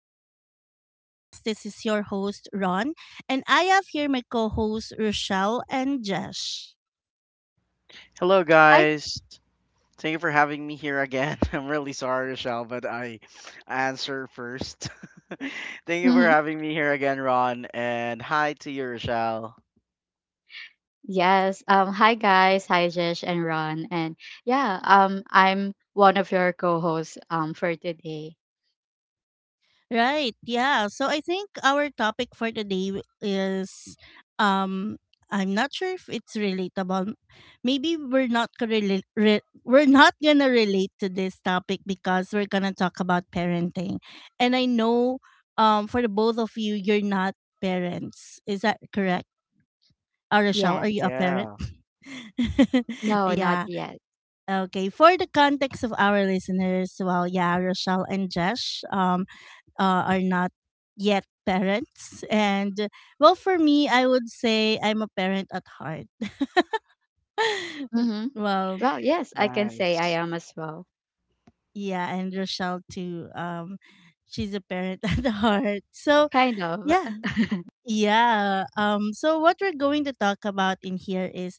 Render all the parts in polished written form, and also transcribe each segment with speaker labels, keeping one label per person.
Speaker 1: Unfiltered Growth Podcast. This is your host, Ron, and I have here my co hosts, Rochelle and Jesh.
Speaker 2: Hello,
Speaker 3: Hi.
Speaker 2: guys. Thank you for having me here again. I'm really sorry, Rochelle, but I answer first. Thank you for
Speaker 3: Hmm.
Speaker 2: having me here again, Ron. And hi to you, Rochelle.
Speaker 3: Yes. Hi, guys. Hi, Jesh and Ron. And yeah. I'm one of your co-hosts. For today.
Speaker 1: Right, yeah. So I think our topic for today is um, I'm not sure if it's relatable. Maybe we're not gonna we're not gonna relate to this topic because we're gonna talk about parenting. And I know for the both of you, you're not parents. Is that correct? Oh, Rochelle, are
Speaker 3: Yes.
Speaker 1: you a parent?
Speaker 2: Yeah,
Speaker 3: No, not
Speaker 1: Yeah.
Speaker 3: yet.
Speaker 1: Okay. For the context of our listeners, well, yeah, Rochelle and Jesh are not yet parents. And, well, for me, I would say I'm a parent at heart.
Speaker 3: Mm-hmm.
Speaker 1: Well,
Speaker 3: Well, yes, I can say I
Speaker 2: nice.
Speaker 3: am as well.
Speaker 1: yeah, and Rochelle too. She's a parent at heart. So,
Speaker 3: Kind of.
Speaker 1: yeah. Yeah. So what we're going to talk about in here is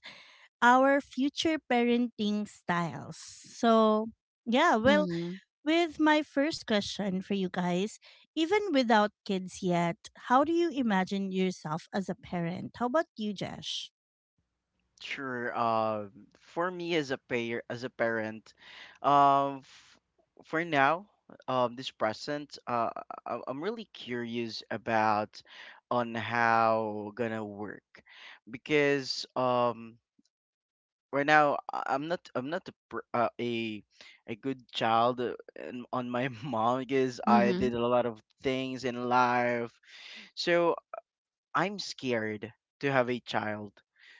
Speaker 1: our future parenting styles. So, yeah, well,
Speaker 3: Mm-hmm.
Speaker 1: with my first question for you guys, even without kids yet, how do you imagine yourself as a parent? How about you, Jesh?
Speaker 2: Sure. For me as a payer, as a parent, um, f- for now, this present, I'm really curious about on how gonna work because right now I'm not a a good child on my mom because I
Speaker 3: Mm-hmm.
Speaker 2: did a lot of things in life. So I'm scared to have a child.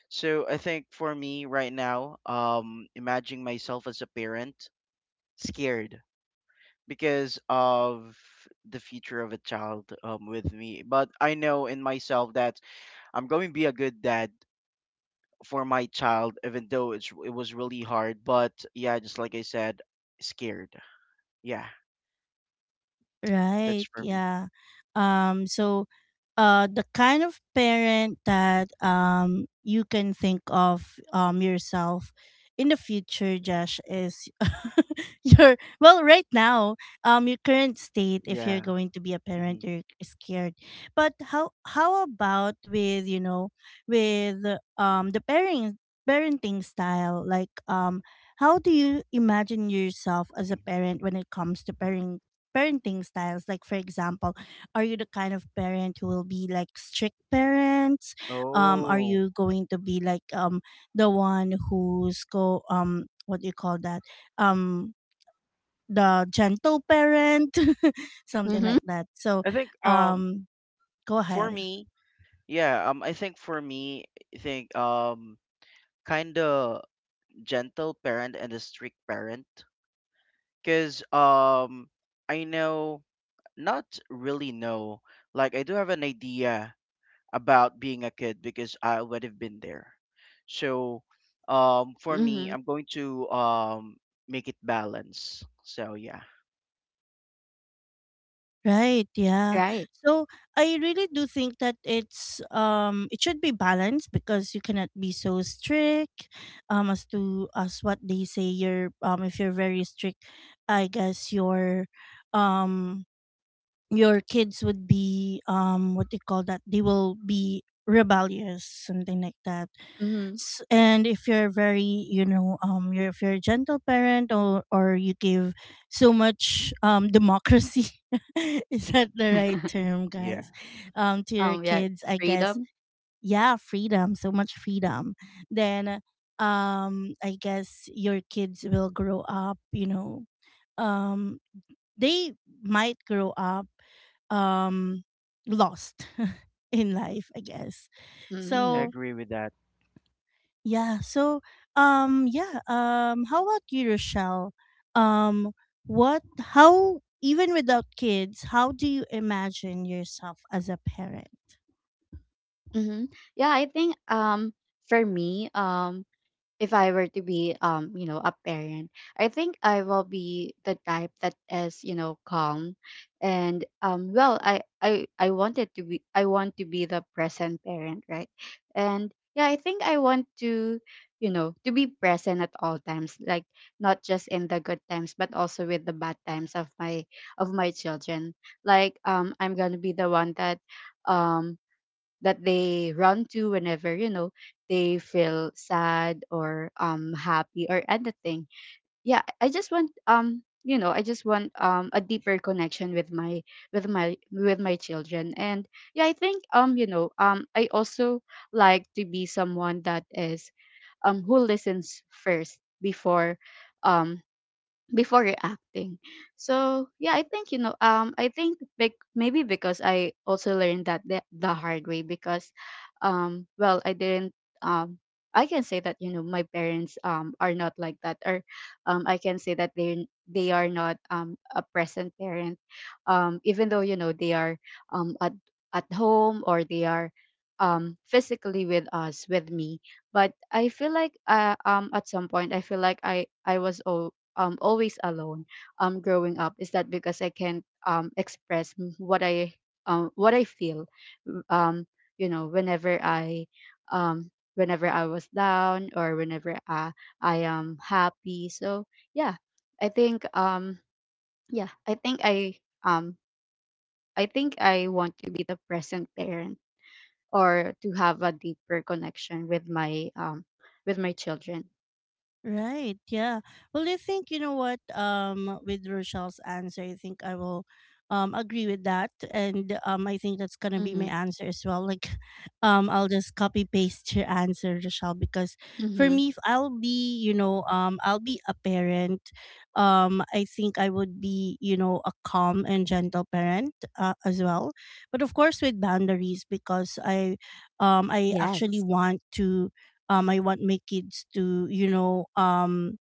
Speaker 2: So I think for me right now, imagining myself as a parent, scared because of the future of a child with me. But I know in myself that I'm going to be a good dad for my child, even though it was really hard. But yeah, just like I said, scared. Yeah, that's
Speaker 1: Right.
Speaker 2: for me.
Speaker 1: Yeah. Um so the kind of parent that you can think of yourself in the future, Josh, is, your, well, right now, your current state, if you're
Speaker 2: Yeah.
Speaker 1: going to be a
Speaker 2: hmm
Speaker 1: parent, you're scared. But how about with, you know, with the parenting style? Like how do you imagine yourself as a
Speaker 2: hmm
Speaker 1: parent when it comes to parenting styles. Like, for example, are you the kind of parent who will be like strict parents? Are
Speaker 2: Oh,
Speaker 1: you going to be like the one who's go, what do you call that? Um, the gentle parent, something
Speaker 3: Mm-hmm.
Speaker 1: like that. So,
Speaker 2: I think
Speaker 1: um, go
Speaker 2: for
Speaker 1: ahead.
Speaker 2: me, yeah, I think for me, I think kind of gentle parent and a strict parent cuz I know not really know. Like I do have an idea about being a kid because I would have been there. So for me,
Speaker 3: Mm-hmm.
Speaker 2: I'm going to make it balance. So yeah,
Speaker 1: Right, yeah.
Speaker 3: Right.
Speaker 1: So I really do think that it should be balanced, because you cannot be so strict, as to, as what they say, you're, if you're very strict, I guess you're, um your kids would be, what do you call that, they will be rebellious, something like that.
Speaker 3: Mm-hmm.
Speaker 1: And if you're very, you know, you're if you're a gentle parent, or you give so much democracy, is that the right term, guys,
Speaker 2: yeah,
Speaker 1: to your
Speaker 3: Yeah.
Speaker 1: kids, I guess.
Speaker 3: Freedom.
Speaker 1: Yeah, freedom, so much freedom, then I guess your kids will grow up, you know, um they might grow up, um lost in life, I guess.
Speaker 2: I
Speaker 3: Mm-hmm.
Speaker 1: So
Speaker 2: agree with that.
Speaker 1: yeah. So, yeah. How about you, Rochelle? Um, what? How? Even without kids, how do you imagine yourself as a parent?
Speaker 3: Mm-hmm. Yeah. I think. For me. If I were to be a parent, I think I will be the type that is calm, and well, I wanted to be I want to be the present parent, right. And yeah, I think I want to you know to be present at all times, like not just in the good times but also with the bad times of my children. Like I'm gonna be the one that, um they run to whenever they feel sad or happy or anything. Yeah, I just want you know I just want a deeper connection with my with my children. And yeah, I think I also like to be someone that is who listens first um before reacting. So yeah, I think maybe because I also learned that the hard way, because, well, I didn't. Um, I can say that my parents are not like that. Or, I can say that they are not a present parent, even though they are, at home, or they are physically with us, with me. But I feel like, at some point, I feel like I was always alone, growing up. Is that because I can't express what I feel? w- um Whenever um I was down, or whenever I am happy? So yeah, I think yeah I think I um I think I want to be the present parent, or to have a deeper connection with my, children.
Speaker 1: Right. Yeah. Well, I think you know what. With Rochelle's answer, I think I will, agree with that, and I think that's gonna be my
Speaker 3: Mhm.
Speaker 1: answer as well. Like, I'll just copy paste your answer, Rochelle, because for
Speaker 3: Mhm.
Speaker 1: me, if I'll be, you know, I'll be a parent. I think I would be, you know, a calm and gentle parent, as well, but of course with boundaries, because I actually
Speaker 3: Yes.
Speaker 1: want to, I want my kids to, you know,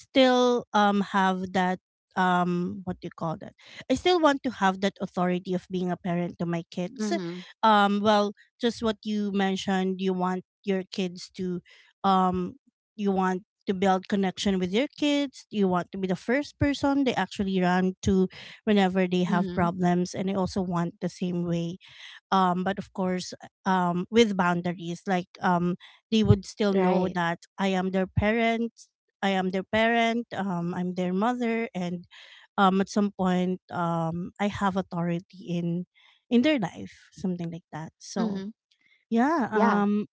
Speaker 1: still have that, what do you call that, I still want to have that authority of being a parent to my kids.
Speaker 3: Mhm.
Speaker 1: Well, just what you mentioned, you want your kids to, um you want to build connection with your kids, you want to be the first person they actually run to whenever they have
Speaker 3: Mhm.
Speaker 1: problems, and I also want the same way, but of course with boundaries, like they would still know
Speaker 3: Right.
Speaker 1: that I am their parent. I am their parent, I'm their mother, and at some point, I have authority in their life, something like that. So
Speaker 3: Mm-hmm.
Speaker 1: yeah.
Speaker 3: Yeah.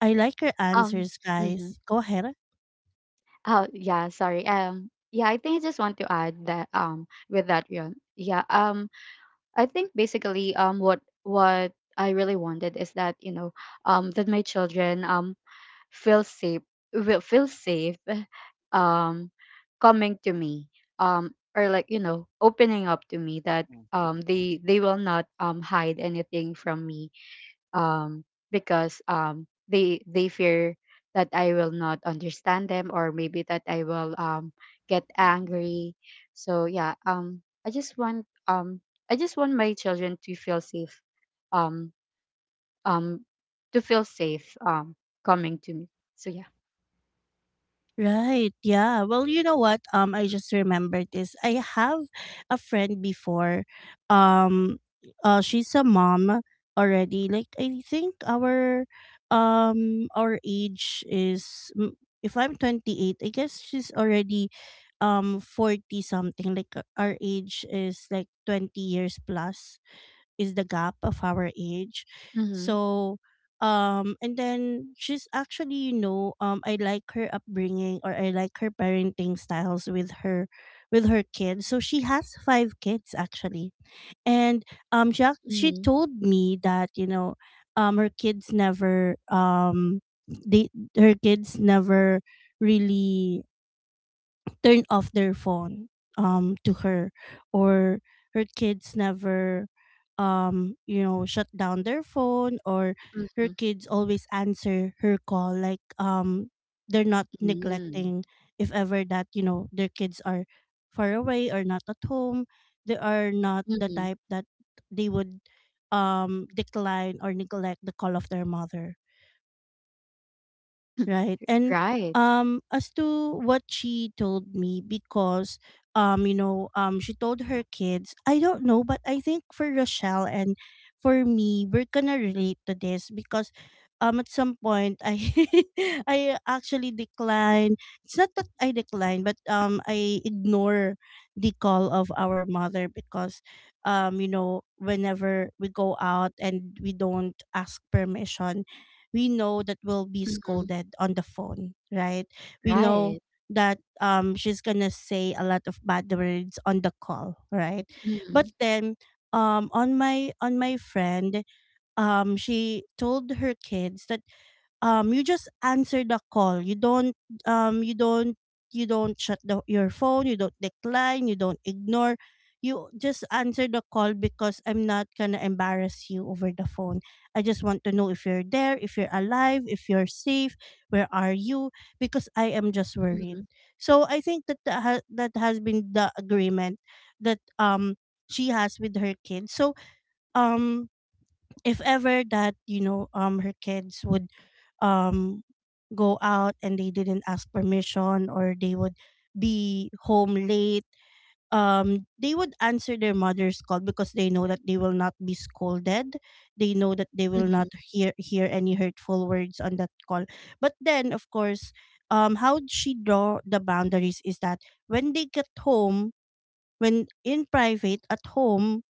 Speaker 1: I like your
Speaker 3: Um.
Speaker 1: answers,
Speaker 3: Mm-hmm.
Speaker 1: guys. Go ahead.
Speaker 3: Oh, yeah. Sorry. Yeah. I think I just want to add that. With that, yeah. Yeah. I think basically, what I really wanted is that, that my children feel safe, will feel safe, um, coming to me, um, or, like, opening up to me. That
Speaker 2: hmm
Speaker 3: they will not hide anything from me, um, because, they fear that I will not understand them, or maybe that I will, get
Speaker 2: hmm
Speaker 3: angry. So yeah, I just want um, I just want my children to feel safe, um, um, to feel safe, coming to me. So yeah.
Speaker 1: Right. Yeah. Well, you know what? I just remembered this. I have a friend before. Um, she's a mom already. Like I think our age is, mm, if I'm 28, I guess she's already, forty something. Like, our age is like 20 years plus is the gap of our age.
Speaker 3: Mm-hmm.
Speaker 1: So and then she's actually, you know, I like her upbringing, or I like her parenting styles with her, with her kids. So she has five kids actually. And she
Speaker 3: Mm-hmm.
Speaker 1: told me that, you know, her kids never, they her kids never really turn off their phone to her, or her kids never you know, shut down their phone, or her
Speaker 3: Mm-hmm.
Speaker 1: kids always answer her call, like they're not
Speaker 3: Mm-hmm.
Speaker 1: neglecting. If ever that, you know, their kids are far away or not at home, they are not the
Speaker 3: Mm-hmm.
Speaker 1: type that they would decline or neglect the call of their mother, right? And
Speaker 3: Right.
Speaker 1: as to what she told me, because she told her kids, I don't know, but I think for Rochelle and for me, we're gonna relate to this, because at some point I I actually decline, it's not that I decline but I ignore the call of our mother, because you know, whenever we go out and we don't ask permission, we know that we'll be
Speaker 3: Mm-hmm.
Speaker 1: scolded on the phone, right? We know
Speaker 3: Right.
Speaker 1: that she's gonna say a lot of bad words on the call, right?
Speaker 3: Mm-hmm.
Speaker 1: But then on my friend, she told her kids that you just answer the call, you don't um you don't you don't shut the, your phone, you don't decline, you don't ignore, you just answer the call, because I'm not gonna embarrass you over the phone, I just want to know if you're there, if you're alive, if you're safe, where are you, because I am just worried.
Speaker 3: Mm-hmm.
Speaker 1: So I think that that has been the agreement that she has with her kids. So um if ever that, you know, her kids would um go out and they didn't ask permission, or they would be home late, they would answer their mother's call, because they know that they will not be scolded, they know that they will not hear any hurtful words on that call. But then of course, how she draw the boundaries is that when they get home, when in private at home,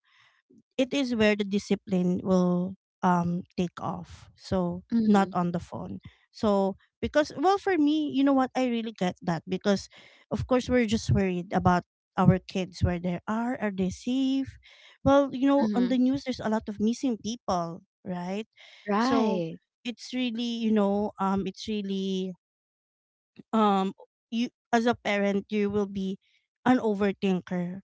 Speaker 1: it is where the discipline will take off, so not
Speaker 3: Mm-hmm.
Speaker 1: on the phone. So because, well, for me, you know what, I really get that, because of course we're just worried about our kids, where they are they safe, well, you know, on
Speaker 3: Mm-hmm.
Speaker 1: the news there's a lot of missing people, right? So
Speaker 3: Right.
Speaker 1: it's really, you know, it's really um you, as a parent, you will be an overthinker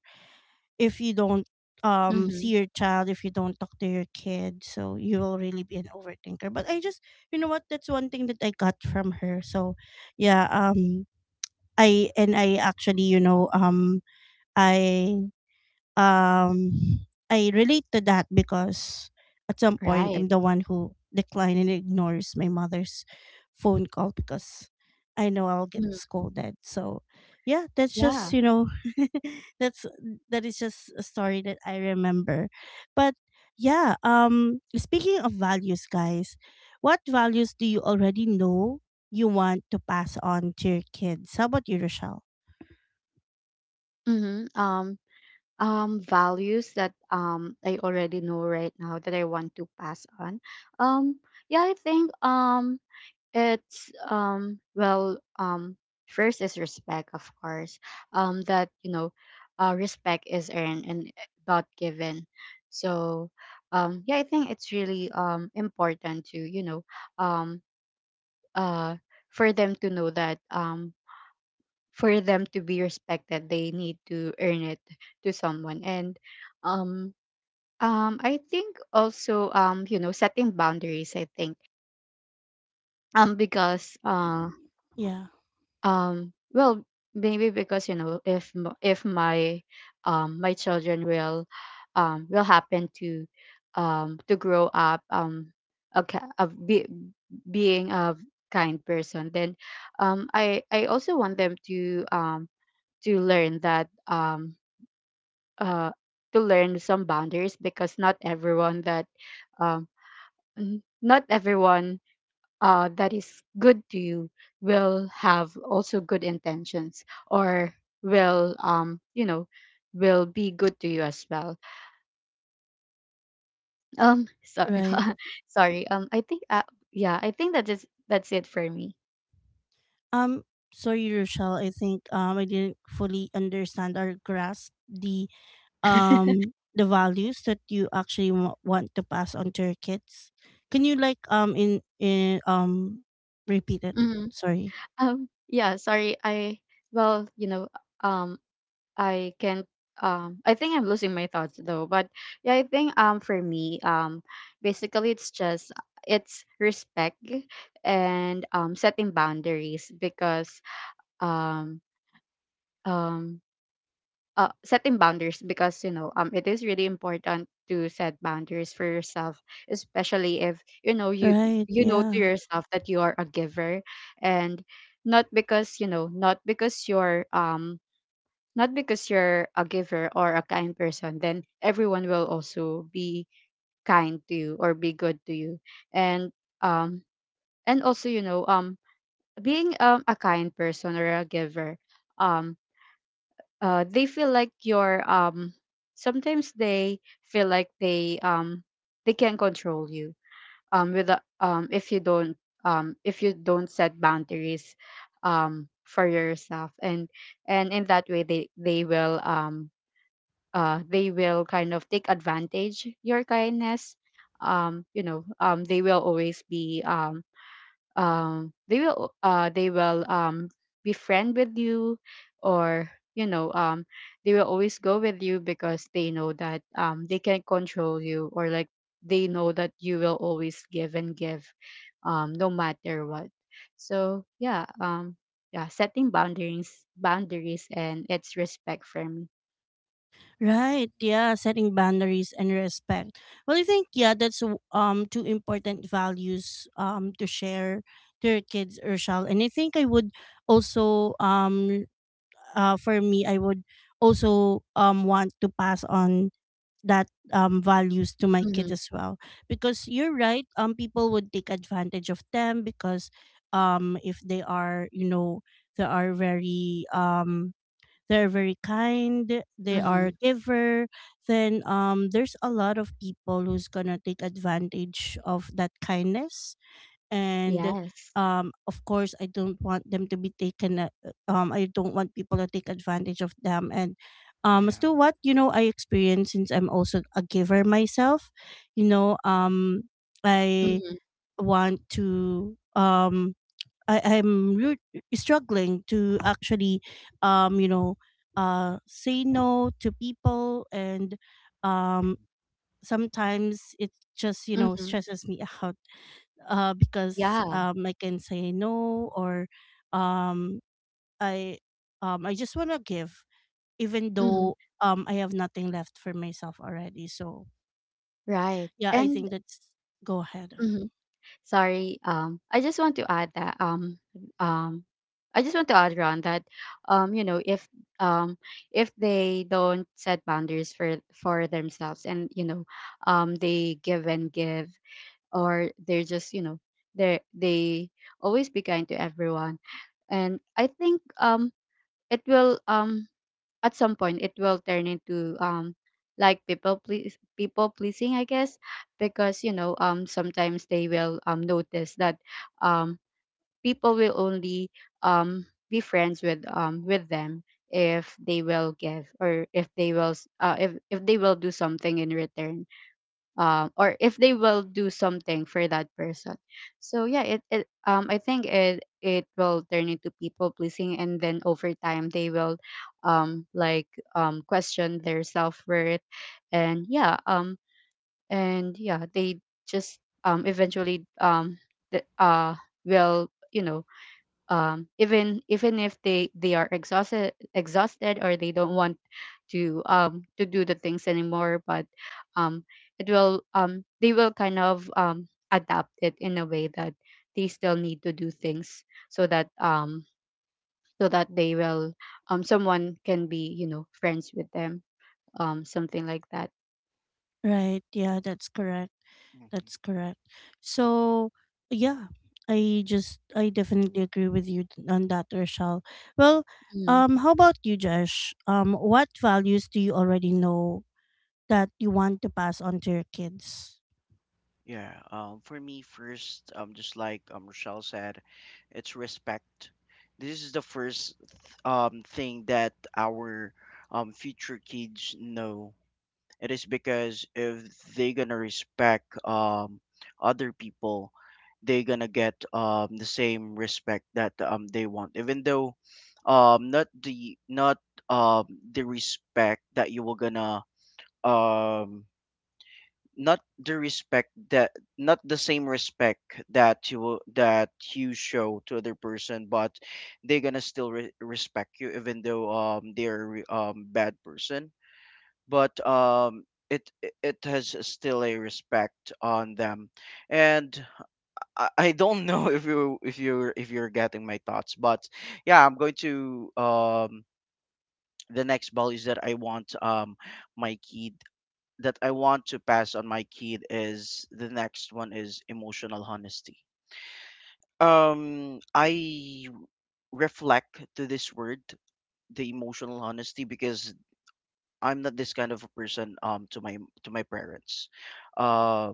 Speaker 1: if you don't
Speaker 3: Mm-hmm.
Speaker 1: see your child, if you don't talk to your kid, so you will really be an overthinker. But I just, you know what, that's one thing that I got from her. So yeah, I actually, you know, i I relate to that because at some point
Speaker 3: Right.
Speaker 1: I'm the one who decline and ignores my mother's phone call because I know I'll get scolded. So yeah, that's just
Speaker 3: Yeah.
Speaker 1: you know, that's, that is just a story that I remember. But yeah, speaking of values, guys, what values do you already know you want to pass on to your kids? How about you, Rochelle?
Speaker 3: Hmm. Values that I already know right now that I want to pass on. Um, yeah, I think, it's, well, first is respect, of course. That, respect is earned and, not given. So, yeah, I think it's really important to, um uh for them to know that, for them to be respected, they need to earn it to someone. And um I think also, setting boundaries. I think, because,
Speaker 1: Yeah,
Speaker 3: well, maybe because, if my, children will, will happen to, to grow up, okay of, being a kind person, then I also want them to, to learn that, uh, to learn some boundaries, because not everyone that, um, not everyone, that is good to you will have also good intentions, or will, will be good to you as well, so.
Speaker 1: right.
Speaker 3: Sorry, I think, yeah, I think that's it for me.
Speaker 1: Um, Sorry, Rochelle. I think I didn't fully understand or grasp the values that you actually want to pass on to your kids. Can you like in repeat it,
Speaker 3: Hmm.
Speaker 1: sorry.
Speaker 3: Yeah, sorry, I, well, um I can't. I think I'm losing my thoughts though. But yeah, I think, for me, basically it's just, it's respect, and, setting boundaries, because, um um setting boundaries, because, it is really important to set boundaries for yourself, especially if, you,
Speaker 1: Right,
Speaker 3: you know to
Speaker 1: yeah.
Speaker 3: yourself that you are a giver, and not
Speaker 2: hmm
Speaker 3: because, not because you're not because you're a giver or a kind person, then everyone will also be kind to you or be good to you. And um and also, you know, being, a kind person or a giver, um they feel like you're, sometimes they feel like they, they can control you, with the, if you don't, if you don't set boundaries, for yourself, and in that way they will, they will kind of take advantage your kindness. You know, they will always be, they will, they will, be friend with you, or you know, they will always go with you because they know that, they can control you, or like, they know that you will always give and give, no matter what. So yeah, yeah, setting boundaries, and it's respect for me.
Speaker 1: Right, yeah, setting boundaries and respect. Well, I think, yeah, that's two important values to share to your kids, Urshel, and I think I would also, for me, I would also want to pass on that values to my kid
Speaker 3: Mm-hmm.
Speaker 1: as well, because you're right, people would take advantage of them, because if they are, you know, they are very, they're very kind, they
Speaker 3: Mm-hmm.
Speaker 1: are giver, then there's a lot of people who's gonna take advantage of that kindness. And
Speaker 3: Yes.
Speaker 1: of course I don't want them to be taken a- I don't want people to take advantage of them, and as
Speaker 2: Yeah.
Speaker 1: to what, you know, I experience, since I'm also a giver myself, you know, I
Speaker 3: Mm-hmm.
Speaker 1: want to, I, i'm re- struggling to actually you know, say no to people, and um, sometimes it just, you know,
Speaker 3: Mm-hmm.
Speaker 1: stresses me out, because
Speaker 3: Yeah.
Speaker 1: I can say no, or um, I I just want to give, even
Speaker 3: Mm-hmm.
Speaker 1: though I have nothing left for myself already. So
Speaker 3: Right.
Speaker 1: yeah, I
Speaker 3: And
Speaker 1: think that's, go ahead.
Speaker 3: mhm. Sorry, I just want to add that, um I just want to add, Ron, that, you know, if, um if they don't set boundaries for, themselves and, you know, they give and give, or they're just, you know, they always be kind to everyone. And I think, it will, at some point, it will turn into, like, people pleasing, I guess. Because, you know, sometimes they will, notice that, um people will only, be friends with, with them if they will give, or if they will, if, they will do something in return, or if they will do something for that person. So yeah, it I think it will turn into people pleasing, and then over time they will, like, question their self worth, and yeah, and yeah, they just,
Speaker 2: Mhm,
Speaker 3: eventually, th- uh will, you know, even, if they are exhausted, or they don't want to, to do the things anymore, but, um it will, they will kind of, adapt it in a way that they still need to do things, so that, so that they will, someone can be, you know, friends with them, something like that.
Speaker 1: Right. Yeah, that's correct.
Speaker 2: mhm.
Speaker 1: That's correct. So yeah, I definitely agree with you on that, Rochelle. Well,
Speaker 3: Mm.
Speaker 1: how about you, Josh? What values do you already know that you want to pass on to your kids?
Speaker 2: Yeah, for me first, just like Rochelle said, it's respect. This is the first thing that our future kids know. It is because if they gonna respect other people, they gonna get the same respect that they want. Even though not the not um the respect that you were gonna um not the same respect that that you show to other person, but they're gonna still respect you even though they're bad person, but it it has still a respect on them. And I don't know if you're getting my thoughts, but yeah, I'm going to the next ball is that I want my kid that I want to pass on my kid is the next one is emotional honesty. I reflect to this word, the emotional honesty, because I'm not this kind of a person to my parents. Uh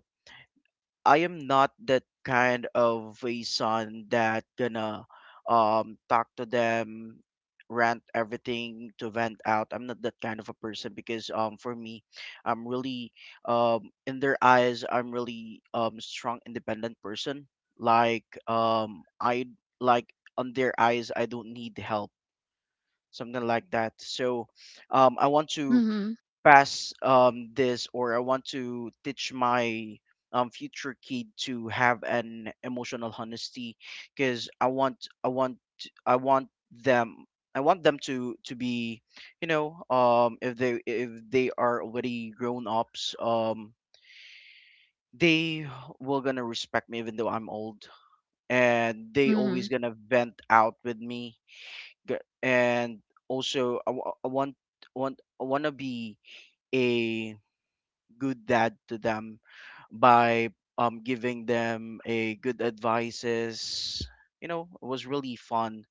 Speaker 2: I am not that kind of a son that gonna talk to them, rant everything to vent out. I'm not that kind of a person because for me, I'm really in their eyes, I'm really strong independent person. Like I, like on their eyes I don't need help. Something like that. So I want to
Speaker 3: Mhm.
Speaker 2: pass this, or I want to teach my future kid to have an emotional honesty because I want them I want them to be you know if they are already grown ups, they will gonna respect me even though I'm old, and they always
Speaker 3: Mhm.
Speaker 2: gonna vent out with me. And also, I, wa- I want I wanna be a good dad to them by giving them a good advices. You know, it was really fun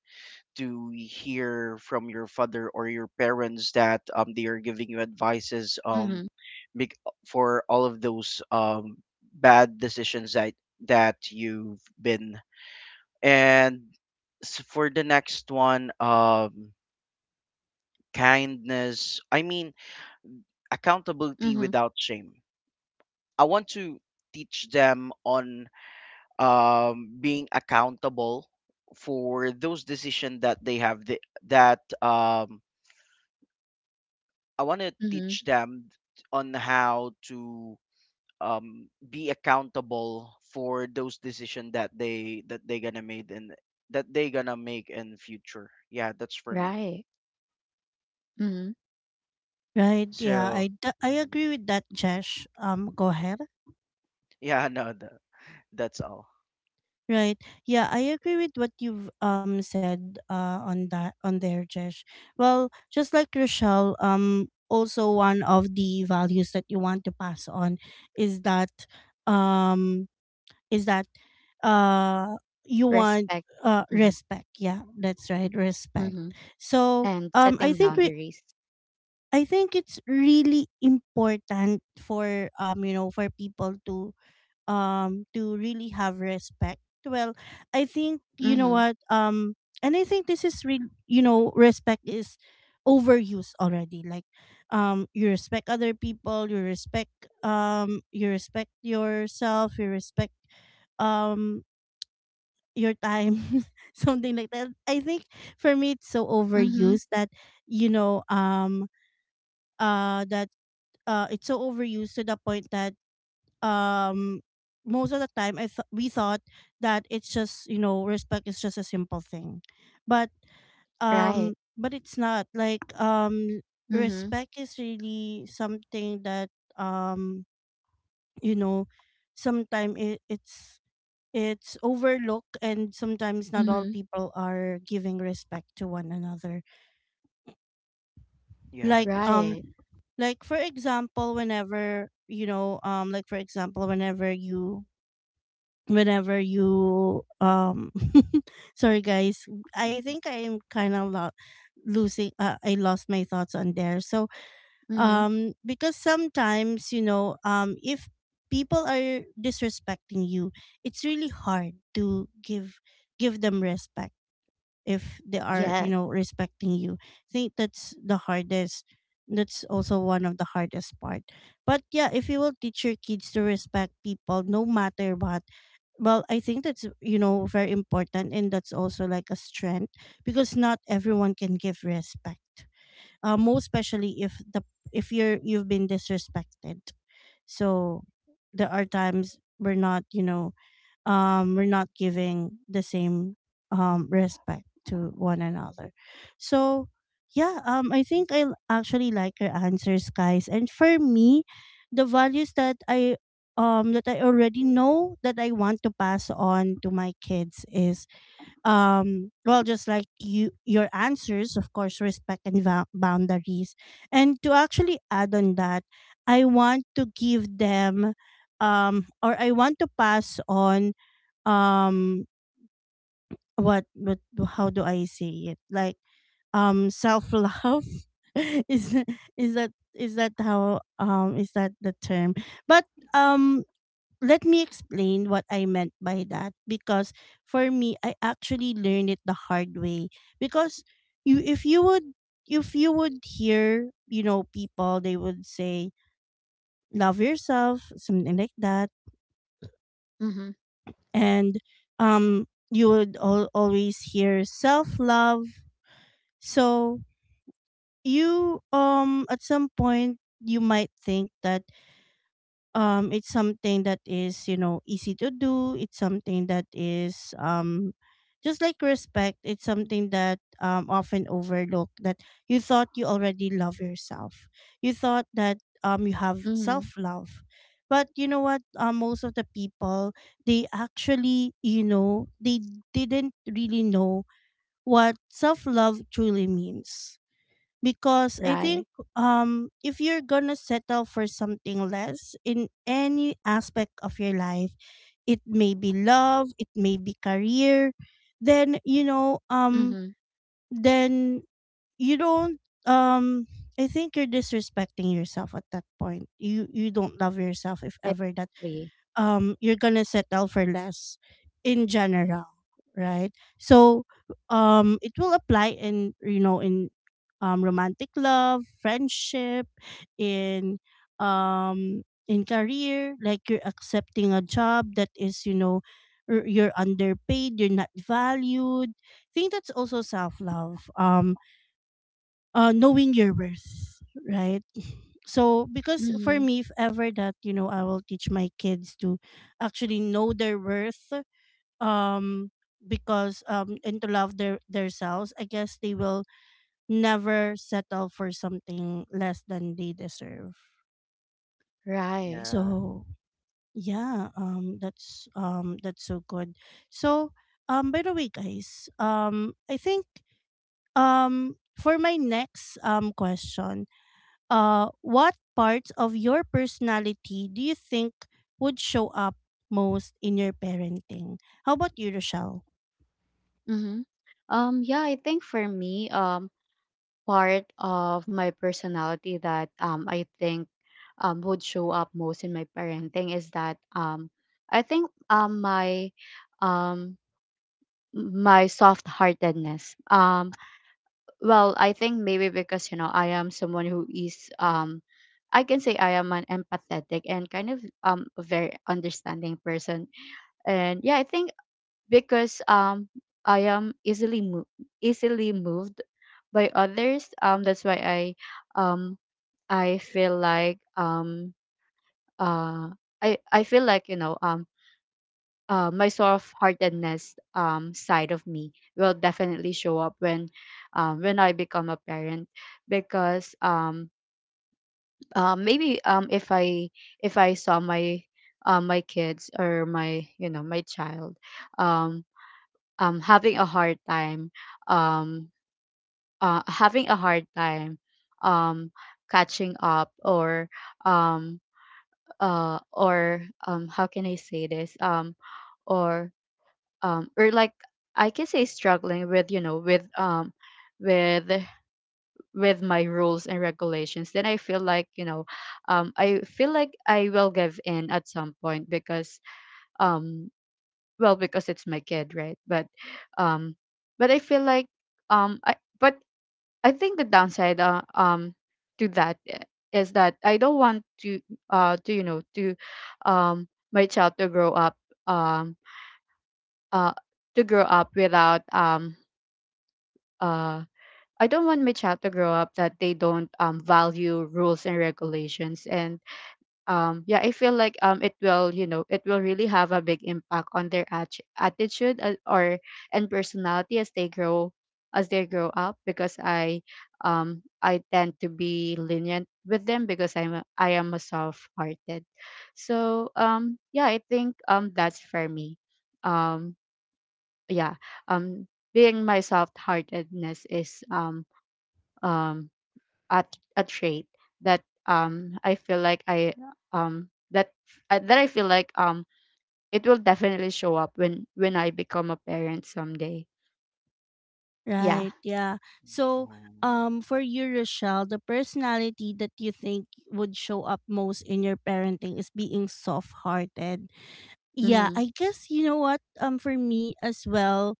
Speaker 2: to hear from your father or your parents that they are giving you advices,
Speaker 3: Mhm.
Speaker 2: bec- for all of those bad decisions that you've been. And for the next one, kindness. I mean, accountability
Speaker 3: Mhm.
Speaker 2: without shame. I want to teach them on being accountable for those decisions that that um, I want to
Speaker 3: Mhm.
Speaker 2: teach them on how to be accountable for those decisions that they gonna made in that they gonna make in future. Yeah, that's for me.
Speaker 3: Right. Mhm.
Speaker 1: Right. Yeah,
Speaker 2: So
Speaker 1: I
Speaker 2: mhm.
Speaker 1: agree with that, Jesh. Go ahead.
Speaker 2: Yeah, no, that's all.
Speaker 1: Right. Yeah, I agree with what you've said on there, Jesh. Well, just like Rochelle, also one of the values that you want to pass on is that um is that uh you want
Speaker 3: Respect. Mhm.
Speaker 1: respect. Yeah, that's right, respect.
Speaker 3: Mhm.
Speaker 1: So
Speaker 3: And
Speaker 1: I
Speaker 3: setting
Speaker 1: think we
Speaker 3: boundaries.
Speaker 1: I think it's really important for you know, for people to really have respect. Well, I think you know
Speaker 3: Mhm.
Speaker 1: what. And I think this is real, you know, respect is overused already. Like you respect other people, you respect yourself, you respect um your time. Something like that. I think for me it's so
Speaker 3: Mhm.
Speaker 1: overused that, you know, that it's so overused to the point that um most of the time we thought that it's just, you know, respect is just a simple thing, but
Speaker 3: Right.
Speaker 1: but it's not like.
Speaker 3: Mhm.
Speaker 1: Respect is really something that, um you know, sometimes it's overlooked, and sometimes not all
Speaker 3: Mhm.
Speaker 1: people are giving respect to one another.
Speaker 2: Yeah,
Speaker 1: Like
Speaker 2: that's correct.
Speaker 3: Right.
Speaker 1: like for example whenever, you know, like for example whenever you whenever you um sorry guys, I
Speaker 2: Mhm.
Speaker 1: think I'm kind of losing, I lost my thoughts on there. So
Speaker 3: Mhm.
Speaker 1: because sometimes, you know, if people are disrespecting you, it's really hard to give them respect if they are, you
Speaker 3: Yes.
Speaker 1: know, respecting you. I think that's the hardest. That's also one of the hardest part but yeah, if you will teach your kids to respect people no matter what, well, I think that's, you know, very important. And that's also like a strength, because not everyone can give respect, most especially if the if you've been disrespected. So there are times we're not you know we're not giving the same respect to one another. So, yeah, I think actually like your answers, guys. And for me, the values that I already know that I want to pass on to my kids is, well, just like your answers, of course respect and boundaries. And to actually add on that, I want to give them, or I want to pass on, um what, how do I say it? Like, self love. is is that, is that how is that the term? But um let me explain what I meant by that. Because for me, I actually learned it the hard way, because you, if you would hear, you know, people, they would say love yourself, something like that.
Speaker 3: Mhm.
Speaker 1: And you would always hear self love. So you, at some point, you might think that, it's something that is, you know, easy to do. It's something that is, just like respect, it's something that often overlooked, that you thought you already love yourself, you thought that you have
Speaker 3: Mhm.
Speaker 1: self love. But you know what? Most of the people, they actually, you know, they didn't really know what self love truly means. Because I think,
Speaker 3: Right.
Speaker 1: if you're gonna settle for something less in any aspect of your life, it may be love, it may be career, then, you know,
Speaker 3: Mhm.
Speaker 1: then you don't, um I think you're disrespecting yourself at that point. You don't love yourself if ever that
Speaker 3: Exactly.
Speaker 1: you're gonna settle for less in general, right? So it will apply in, you know, in romantic love, friendship, in in career, like you're accepting a job that is, you know, you're underpaid, you're not valued. I think that's also self love. Knowing your worth, right? So because for
Speaker 3: Mhm.
Speaker 1: me, if ever that, you know, I will teach my kids to actually know their worth, um, because, and to love their selves, I guess they will never settle for something less than they deserve.
Speaker 3: Right.
Speaker 2: yeah
Speaker 1: So, yeah, that's so good. So, by the way, guys, I think, for my next, question, what parts of your personality do you think would show up most in your parenting? How about you, Rochelle?
Speaker 3: Mhm. Yeah, I think for me, part of my personality that, I think, would show up most in my parenting is that, I think, my, um my soft heartedness. Well, I think maybe because, you know, I am someone who is, I can say I am an empathetic and kind of, a very understanding person. And yeah, I think because, I am easily moved by others, that's why I, um I feel like, uh I, feel like, you know, my soft-heartedness, side of me will definitely show up when, when I become a parent, because, maybe, if I, if I saw my, my kids, or my, you know, my child, um, having a hard time, um, having a hard time, um, catching up, or, um, or, how can I say this, or, or like, I can say struggling with, you know, with, with, my rules and regulations, then I feel like, you know, I feel like I will give in at some point, because, um well, because it's my kid, right? But, um but I feel like, um I but I think the downside, to that is that I don't want to, you know, to, um my child to grow up, um uh to grow up without, uh I don't want my child to grow up that they don't, value rules and regulations, and, yeah, I feel like, it will, you know, it will really have a big impact on their attitude, or and personality as they grow, up, because I, I tend to be lenient with them, because I am a soft-hearted. So, yeah, I think, that's for me. Um yeah, um being my soft-heartedness is, um at, a trait that, I feel like I, that, that I feel like, it will definitely show up when I become a parent someday. Yeah.
Speaker 1: Right, yeah. So,
Speaker 2: um,
Speaker 1: for you, Rochelle, the personality that you think would show up most in your parenting is being soft-hearted. Yeah,
Speaker 3: Mhm.
Speaker 1: I guess you know what. For me as well,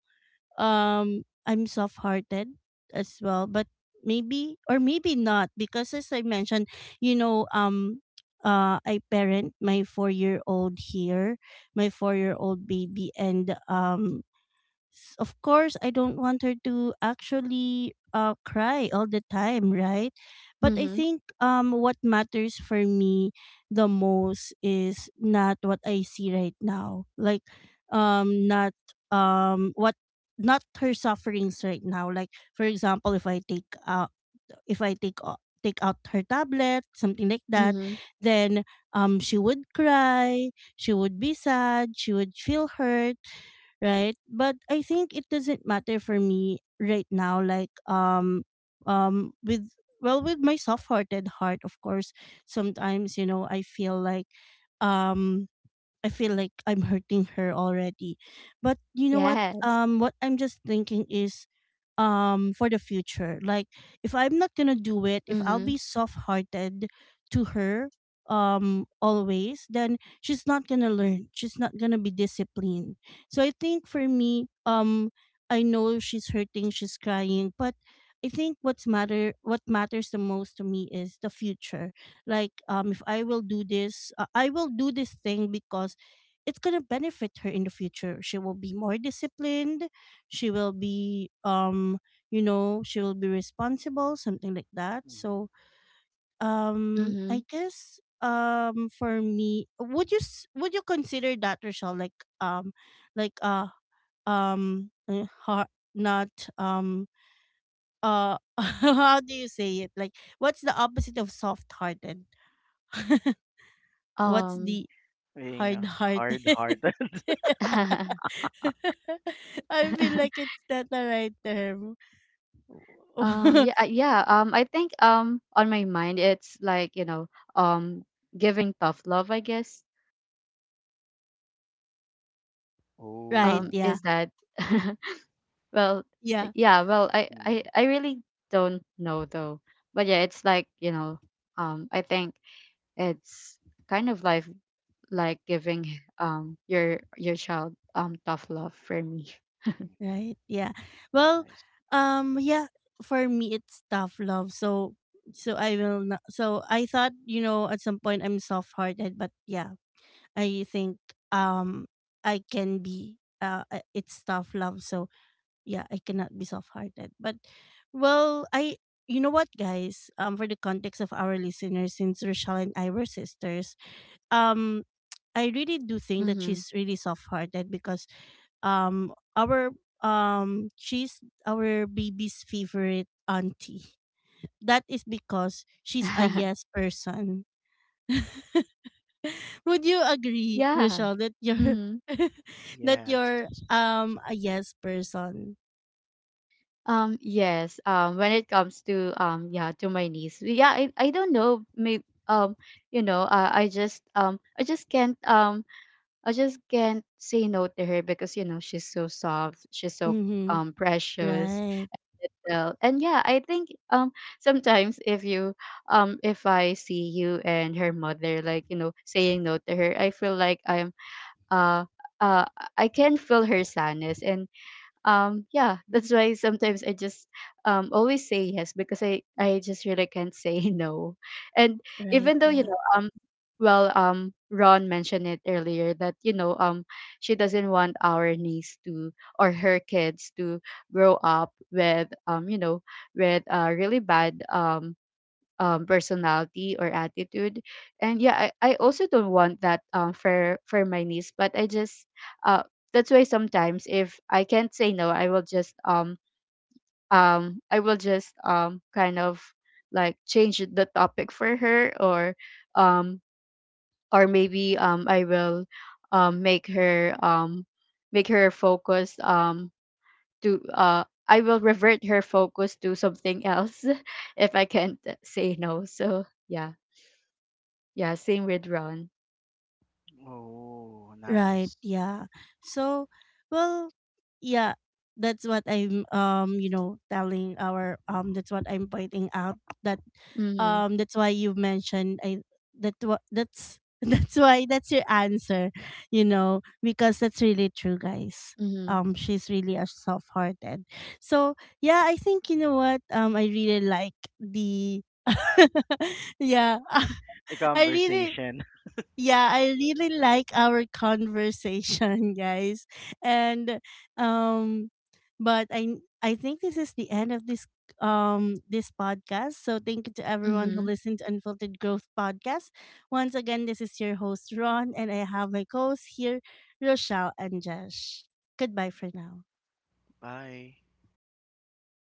Speaker 1: I'm soft hearted as well, but maybe or maybe not, because as I mentioned, you know, I parent my 4-year-old old here, my 4-year-old old baby. And of course I don't want her to actually cry all the time, right? But I
Speaker 3: Mhm.
Speaker 1: think what matters for me the most is not what I see right now. Like um not um what not her sufferings right now. Like for example, if I take out if I take o- take out her tablet, something like that,
Speaker 3: Mhm.
Speaker 1: then she would cry, she would be sad, she would feel hurt, right? But I think it doesn't matter for me right now. Like with well, with my soft-hearted heart, of course sometimes, you know, um I feel like I'm hurting her already. But you know what?
Speaker 3: Yes.
Speaker 1: What I'm just thinking is, for the future, like if I'm not gonna do it, if I'll
Speaker 3: Mhm.
Speaker 1: be soft-hearted to her, always, then she's not gonna learn. She's not gonna be disciplined. So I think for me, I know she's hurting, she's crying, but I think what matters the most to me is the future. Like if I will do this, I will do this thing because it's going to benefit her in the future. She will be more disciplined. She will be you know, she will be responsible, something like that.
Speaker 2: mhm.
Speaker 1: So
Speaker 3: Mhm.
Speaker 1: I guess for me, would you would you consider that, Rochelle, like not um uh how do you say it? Like what's the opposite of soft-hearted? What's
Speaker 3: Um
Speaker 1: the
Speaker 2: Being a hard
Speaker 1: hard-hearted?
Speaker 2: hearted.
Speaker 1: I feel like it's not the right term.
Speaker 3: yeah, yeah, I think, on my mind it's like, you know, um giving tough love, I guess,
Speaker 1: Right,
Speaker 2: Oh.
Speaker 1: yeah.
Speaker 3: is that? Well,
Speaker 1: Yeah,
Speaker 3: yeah, well,
Speaker 2: Mm-hmm.
Speaker 3: I really don't know, though. But yeah, it's like, you know, I think it's kind
Speaker 2: Mm.
Speaker 3: of like giving, your, child, tough love for me.
Speaker 2: Mm.
Speaker 1: right, yeah. Well,
Speaker 2: Nice.
Speaker 1: yeah, for me it's tough love. So I will not, so I thought, you know, at some point I'm soft-hearted, but yeah, I think um I can be, it's tough love. So yeah, I cannot be soft hearted. But well, I you know what, guys? For the context of our listeners, since Rochelle and I were sisters, um, I really do think that
Speaker 3: Mm-hmm.
Speaker 1: she's really soft hearted. Because our she's our baby's favorite auntie. That is because she's a yes person. Would you agree,
Speaker 3: Yeah.
Speaker 1: Rochelle, that you're
Speaker 3: Mm-hmm.
Speaker 1: that
Speaker 2: Yes.
Speaker 1: you're a yes person?
Speaker 3: Yes. When it comes to, yeah, to my niece, yeah. I don't know, maybe, you know, I just, I just can't, I just can't say no to her, because, you know, she's so soft, she's so,
Speaker 1: Mm-hmm.
Speaker 3: precious.
Speaker 1: Right.
Speaker 3: Well, and yeah, I think, sometimes if you, if I see you and her mother, like, you know, saying no to her, I feel like I'm, uh uh I can feel her sadness. And, yeah, that's why sometimes I just, always say yes, because I just really can't say no. And
Speaker 1: Right.
Speaker 3: even though, you
Speaker 1: Yeah.
Speaker 3: know, well, Ron mentioned it earlier, that, you know, she doesn't want our niece to, or her kids to, grow up with, you know, with, really bad, personality or attitude. And yeah, I also don't want that, for, my niece, but I just, uh, that's why, sometimes if I can't say no, I will just, I will just, kind of like change the topic for her, or, um or maybe, I will, make her, make her focus, to I will revert her focus to something else, if I can't say no. So yeah. Yeah, same with Ron.
Speaker 2: Oh, nice.
Speaker 1: Right, yeah. So, well, yeah, that's what I'm, you know, telling our that's what I'm pointing out, that
Speaker 3: Mm-hmm.
Speaker 1: that's why you mentioned, that's that's why that's your answer, you know, because that's really true, guys.
Speaker 3: Mm-hmm.
Speaker 1: She's really a soft-hearted. So, yeah, I think you know what? I really like the yeah,
Speaker 2: A
Speaker 1: I really,
Speaker 2: conversation.
Speaker 1: yeah, I really like our conversation, guys. And um but I think this is the end of this podcast. So thank you to everyone who
Speaker 3: Mm-hmm.
Speaker 1: listened to Unfiltered Growth Podcast. Once again, this is your host Ron, and I have my co-hosts here, Rochelle and Josh. Goodbye for now.
Speaker 2: Bye.